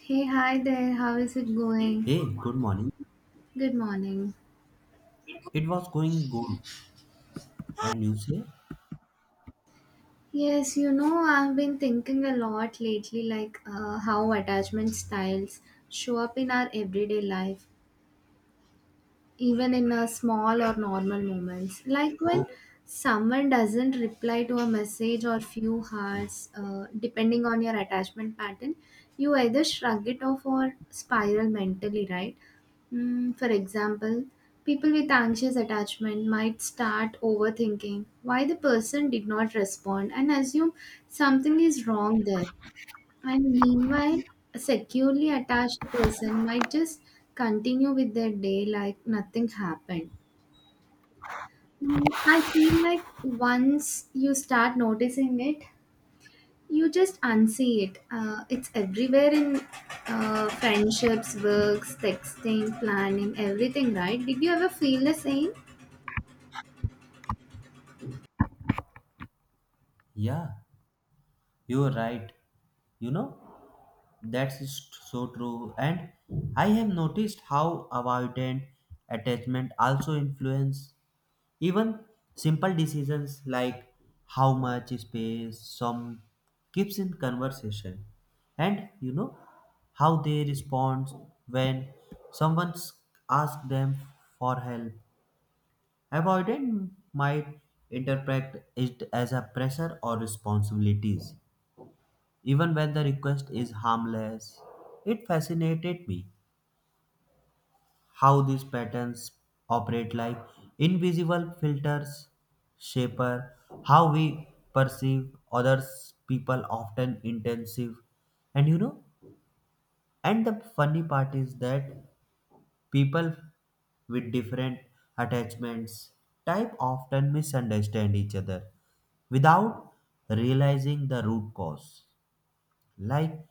Hey, hi there. How is it going? Hey, good morning. Good morning. It was going good. And you say, Yes, you know, I've been thinking a lot lately, how attachment styles show up in our everyday life. Even in a small or normal moments like when oh, someone doesn't reply to a message or few hearts depending on your attachment pattern you either shrug it off or spiral mentally, right? Mm, for example, people with anxious attachment might start overthinking why the person did not respond and assume something is wrong there. And meanwhile, a securely attached person might just continue with their day like nothing happened. Mm, I feel like once you start noticing it, you just unsee it. It's everywhere in friendships, works, texting, planning, everything, right? Did you ever feel the same? yeah, you're right. You know, that's so true. And I have noticed how avoidant attachment also influence even simple decisions like how much space some keeps in conversation. And you know, how they respond when someone asks them for help. Avoidance might interpret it as a pressure or responsibilities, even when the request is harmless. It fascinated me how these patterns operate like invisible filters, shaper how we perceive others people often intensive, and you know, and the funny part is that people with different attachments type often misunderstand each other without realizing the root cause. Like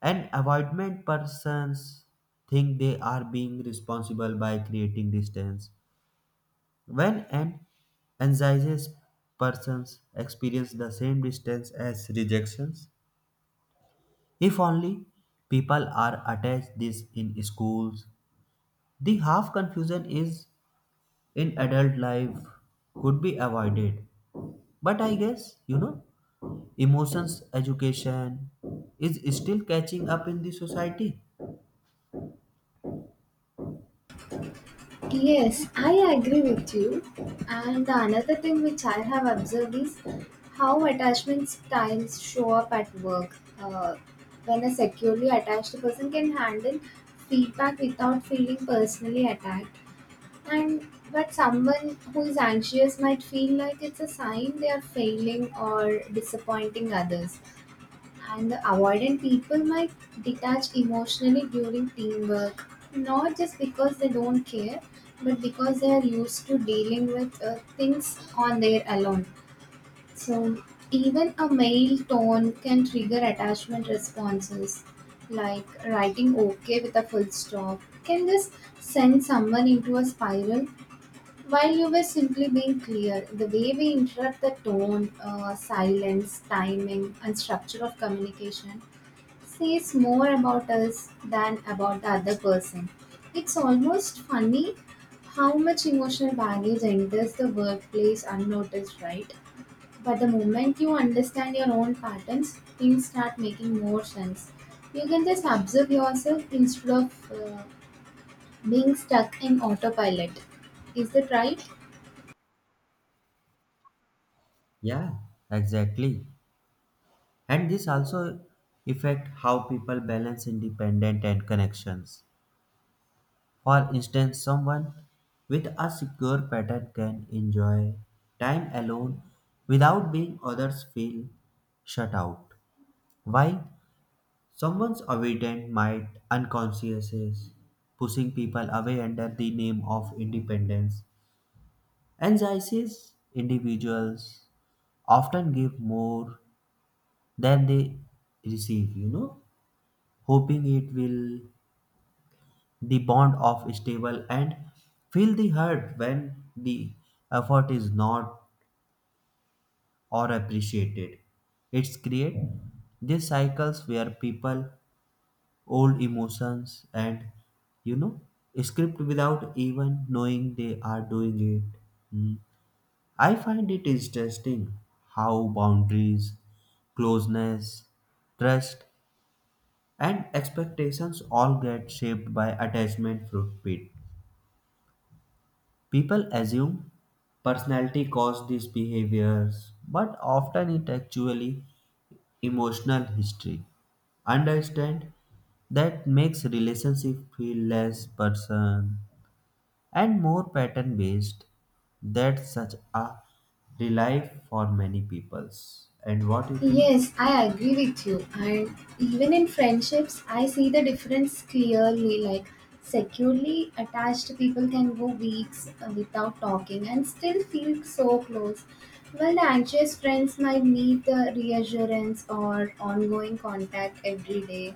an avoidant persons think they are being responsible by creating distance. When an anxious persons experience the same distance as rejections. If only people are attached this in schools, the half confusion is in adult life could be avoided. But I guess, you know, emotions education is still catching up in the society. Yes, I agree with you. And the another thing which I have observed is how attachment styles show up at work. When a securely attached person can handle feedback without feeling personally attacked, and but someone who is anxious might feel like it's a sign they are failing or disappointing others. And the avoidant people might detach emotionally during teamwork, not just because they don't care, but because they are used to dealing with things on their alone. So, even a male tone can trigger attachment responses, like writing okay with a full stop can just send someone into a spiral while you were simply being clear. The way we interrupt the tone, silence, timing, and structure of communication says more about us than about the other person. It's almost funny how much emotional baggage enters the workplace unnoticed, right? But the moment you understand your own patterns, things start making more sense. You can just observe yourself instead of being stuck in autopilot. Is that right? Yeah, exactly. And this also affect how people balance independent and connections. For instance, someone with a secure pattern can enjoy time alone without being others feel shut out. While someone's avoidance might unconsciously pushing people away under the name of independence. Anxious individuals often give more than they receive, you know, hoping it will the bond of stable and feel the hurt when the effort is not or appreciated. It's create these cycles where people old emotions and, you know, script without even knowing they are doing it. Mm. I find it interesting how boundaries, closeness, trust and expectations all get shaped by attachment fruit pit. People assume personality caused these behaviors, but often it actually emotional history. Understand that makes relationship feel less person and more pattern based. That's such a relief for many peoples. And what you think? Yes, I agree with you. And even in friendships, I see the difference clearly. Like, securely attached people can go weeks without talking and still feel so close. While the anxious friends might need the reassurance or ongoing contact every day.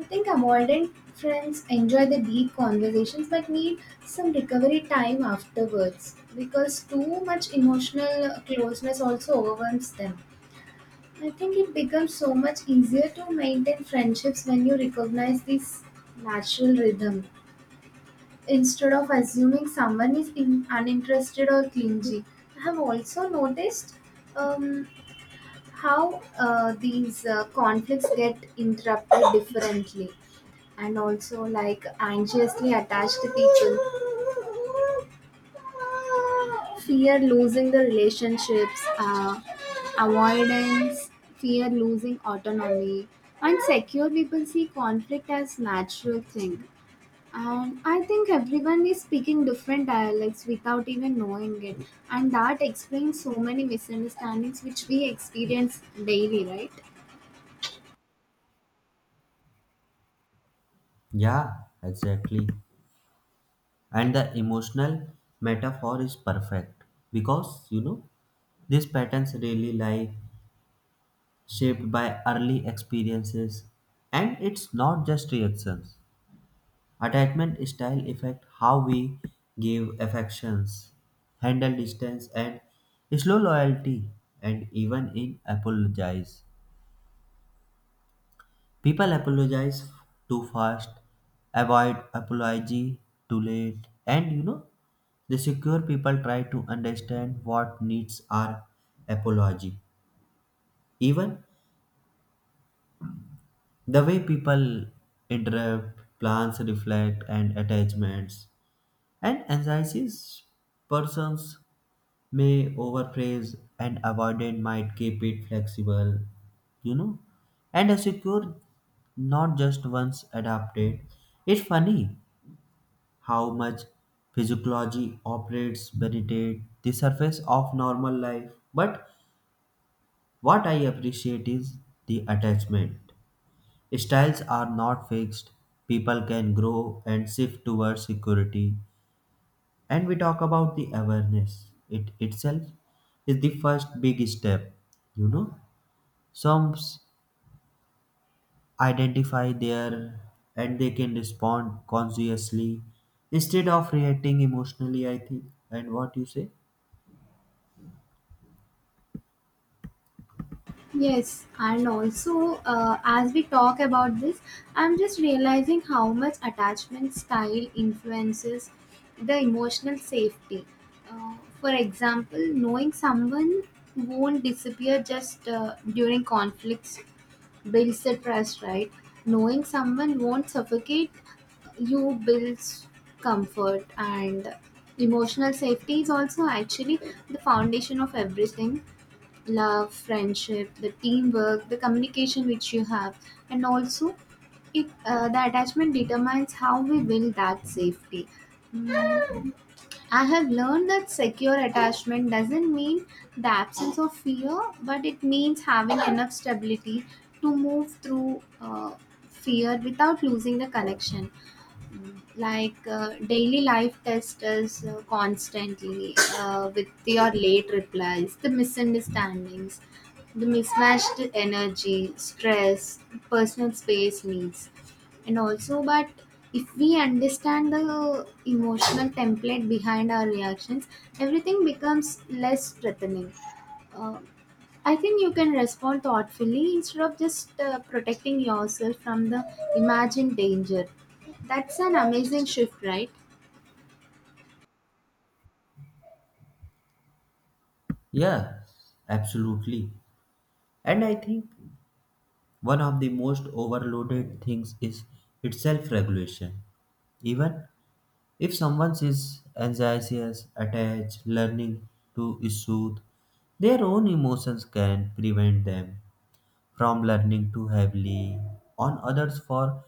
I think avoidant friends enjoy the deep conversations but need some recovery time afterwards because too much emotional closeness also overwhelms them. I think it becomes so much easier to maintain friendships when you recognize this natural rhythm instead of assuming someone is in, uninterested or clingy. I have also noticed um, how these conflicts get interrupted differently and also like anxiously attached people fear losing the relationships, avoidance, fear losing autonomy, and secure people see conflict as natural thing. And I think everyone is speaking different dialects without even knowing it, and that explains so many misunderstandings which we experience daily, right? Yeah, exactly. And the emotional metaphor is perfect because, you know, these patterns really like shaped by early experiences, and it's not just reactions. Attachment style affect how we give affections, handle distance and slow loyalty, and even in apologize, people apologize too fast, avoid apology too late, and you know, the secure people try to understand what needs are apology. Even the way people interrupt plans reflect and attachments, and anxieties persons may overpraise and avoidant might keep it flexible, you know, and secure not just once adapted. It's funny how much physiology operates beneath the surface of normal life, but what I appreciate is the attachment styles are not fixed, people can grow and shift towards security. And we talk about the awareness. It itself is the first big step, you know. Some s- Identify their and they can respond consciously instead of reacting emotionally, I think. And what you say? Yes, and also as we talk about this, I'm just realizing how much attachment style influences the emotional safety. For example, knowing someone won't disappear just during conflicts builds the trust, right? Knowing someone won't suffocate you builds comfort, and emotional safety is also actually the foundation of everything, love, friendship, the teamwork, the communication which you have, and also it the attachment determines how we build that safety. Mm, I have learned that secure attachment doesn't mean the absence of fear, but it means having enough stability to move through fear without losing the connection, daily life testers constantly with your late replies, the misunderstandings, the mismatched energy stress, personal space needs, and also but if we understand the emotional template behind our reactions everything becomes less threatening. Uh, I think you can respond thoughtfully instead of just protecting yourself from the imagined danger. That's an amazing shift, right? Yeah, absolutely. And I think one of the most overloaded things is its self regulation. Even if someone is anxious, attached, learning to soothe their own emotions can prevent them from learning too heavily on others for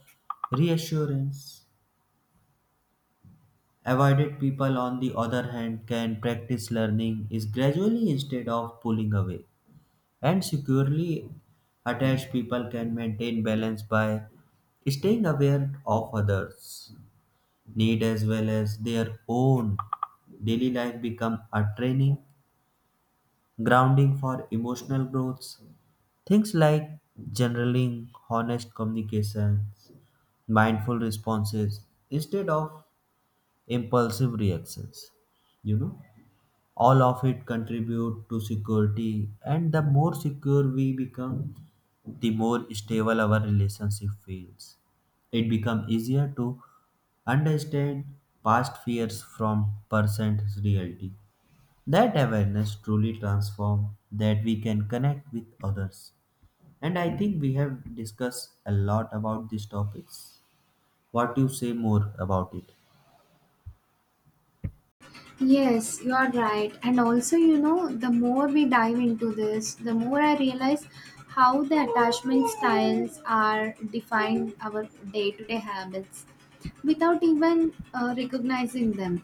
reassurance. Avoided people, on the other hand, can practice learning is gradually instead of pulling away. And securely attached people can maintain balance by staying aware of others need as well as their own. Daily life become a training grounding for emotional growth. Things like journaling, honest communications, mindful responses instead of impulsive reactions, you know, all of it contribute to security, and the more secure we become, the more stable our relationship feels. It becomes easier to understand past fears from present reality. That awareness truly transforms that we can connect with others. And I think we have discussed a lot about these topics. What do you say more about it? Yes, you are right. And also, you know, the more we dive into this, the more I realize how the attachment styles are defined our day to day habits. Without even recognizing them.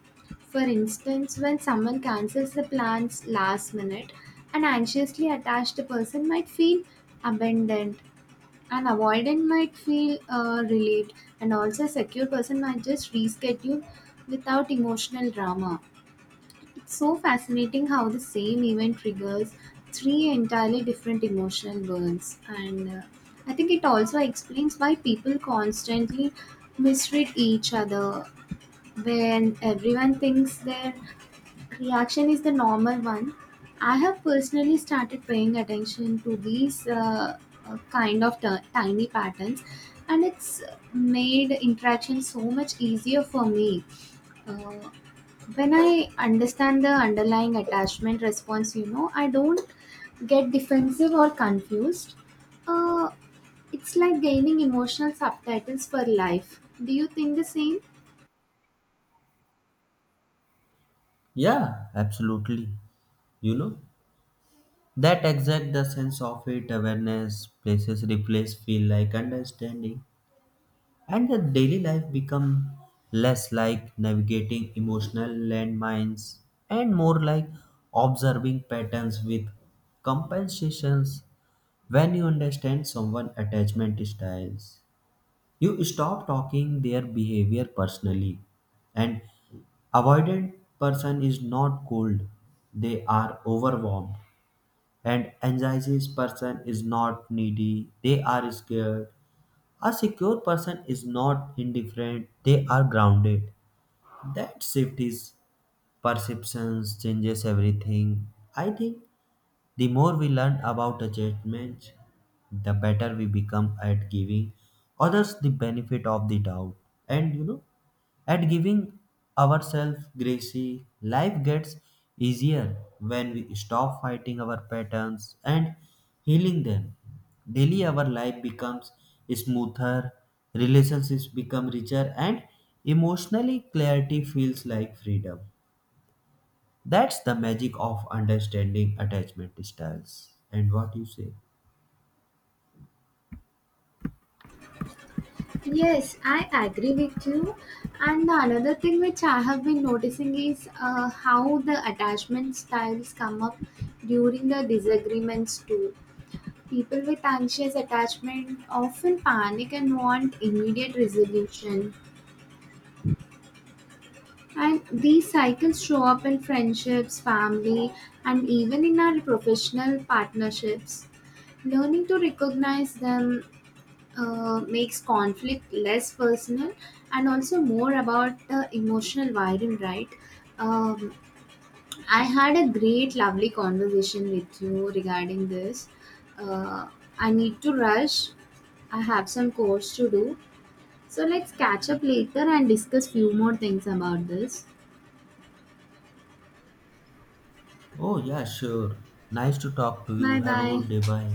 For instance, when someone cancels the plans last minute, an anxiously attached person might feel abandoned, an avoidant might feel relieved, and also a secure person might just reschedule without emotional drama. It's so fascinating how the same event triggers three entirely different emotional burns, and I think it also explains why people constantly misread each other when everyone thinks their reaction is the normal one. I have personally started paying attention to these kind of tiny patterns and it's made interaction so much easier for me. uh, when I understand the underlying attachment response, you know, I don't get defensive or confused. uh, it's like gaining emotional subtitles for life. Do you think the same? Yeah, absolutely. You know, that exact the sense of it awareness places replace feel like understanding, and the daily life become less like navigating emotional landmines and more like observing patterns with compensations. When you understand someone attachment styles, you stop talking their behavior personally. And avoidant person is not cold, they are overwhelmed. And anxious person is not needy, they are scared. A secure person is not indifferent, they are grounded. That shift is perceptions changes everything. I think the more we learn about attachments, the better we become at giving others the benefit of the doubt. And you know, at giving ourselves grace, life gets easier when we stop fighting our patterns and healing them. Daily, our life becomes smoother, relationships become richer, and emotionally, clarity feels like freedom. That's the magic of understanding attachment styles. And what you say? Yes, I agree with you. And the another thing which I have been noticing is how the attachment styles come up during the disagreements too. People with anxious attachment often panic and want immediate resolution. And these cycles show up in friendships, family, and even in our professional partnerships. Learning to recognize them makes conflict less personal and also more about the emotional wiring, right? Um, I had a great, lovely conversation with you regarding this. Uh, I need to rush. I have some course to do. So let's catch up later and discuss few more things about this. Oh, yeah, sure. Nice to talk to you. Bye Have a good day. bye. Bye.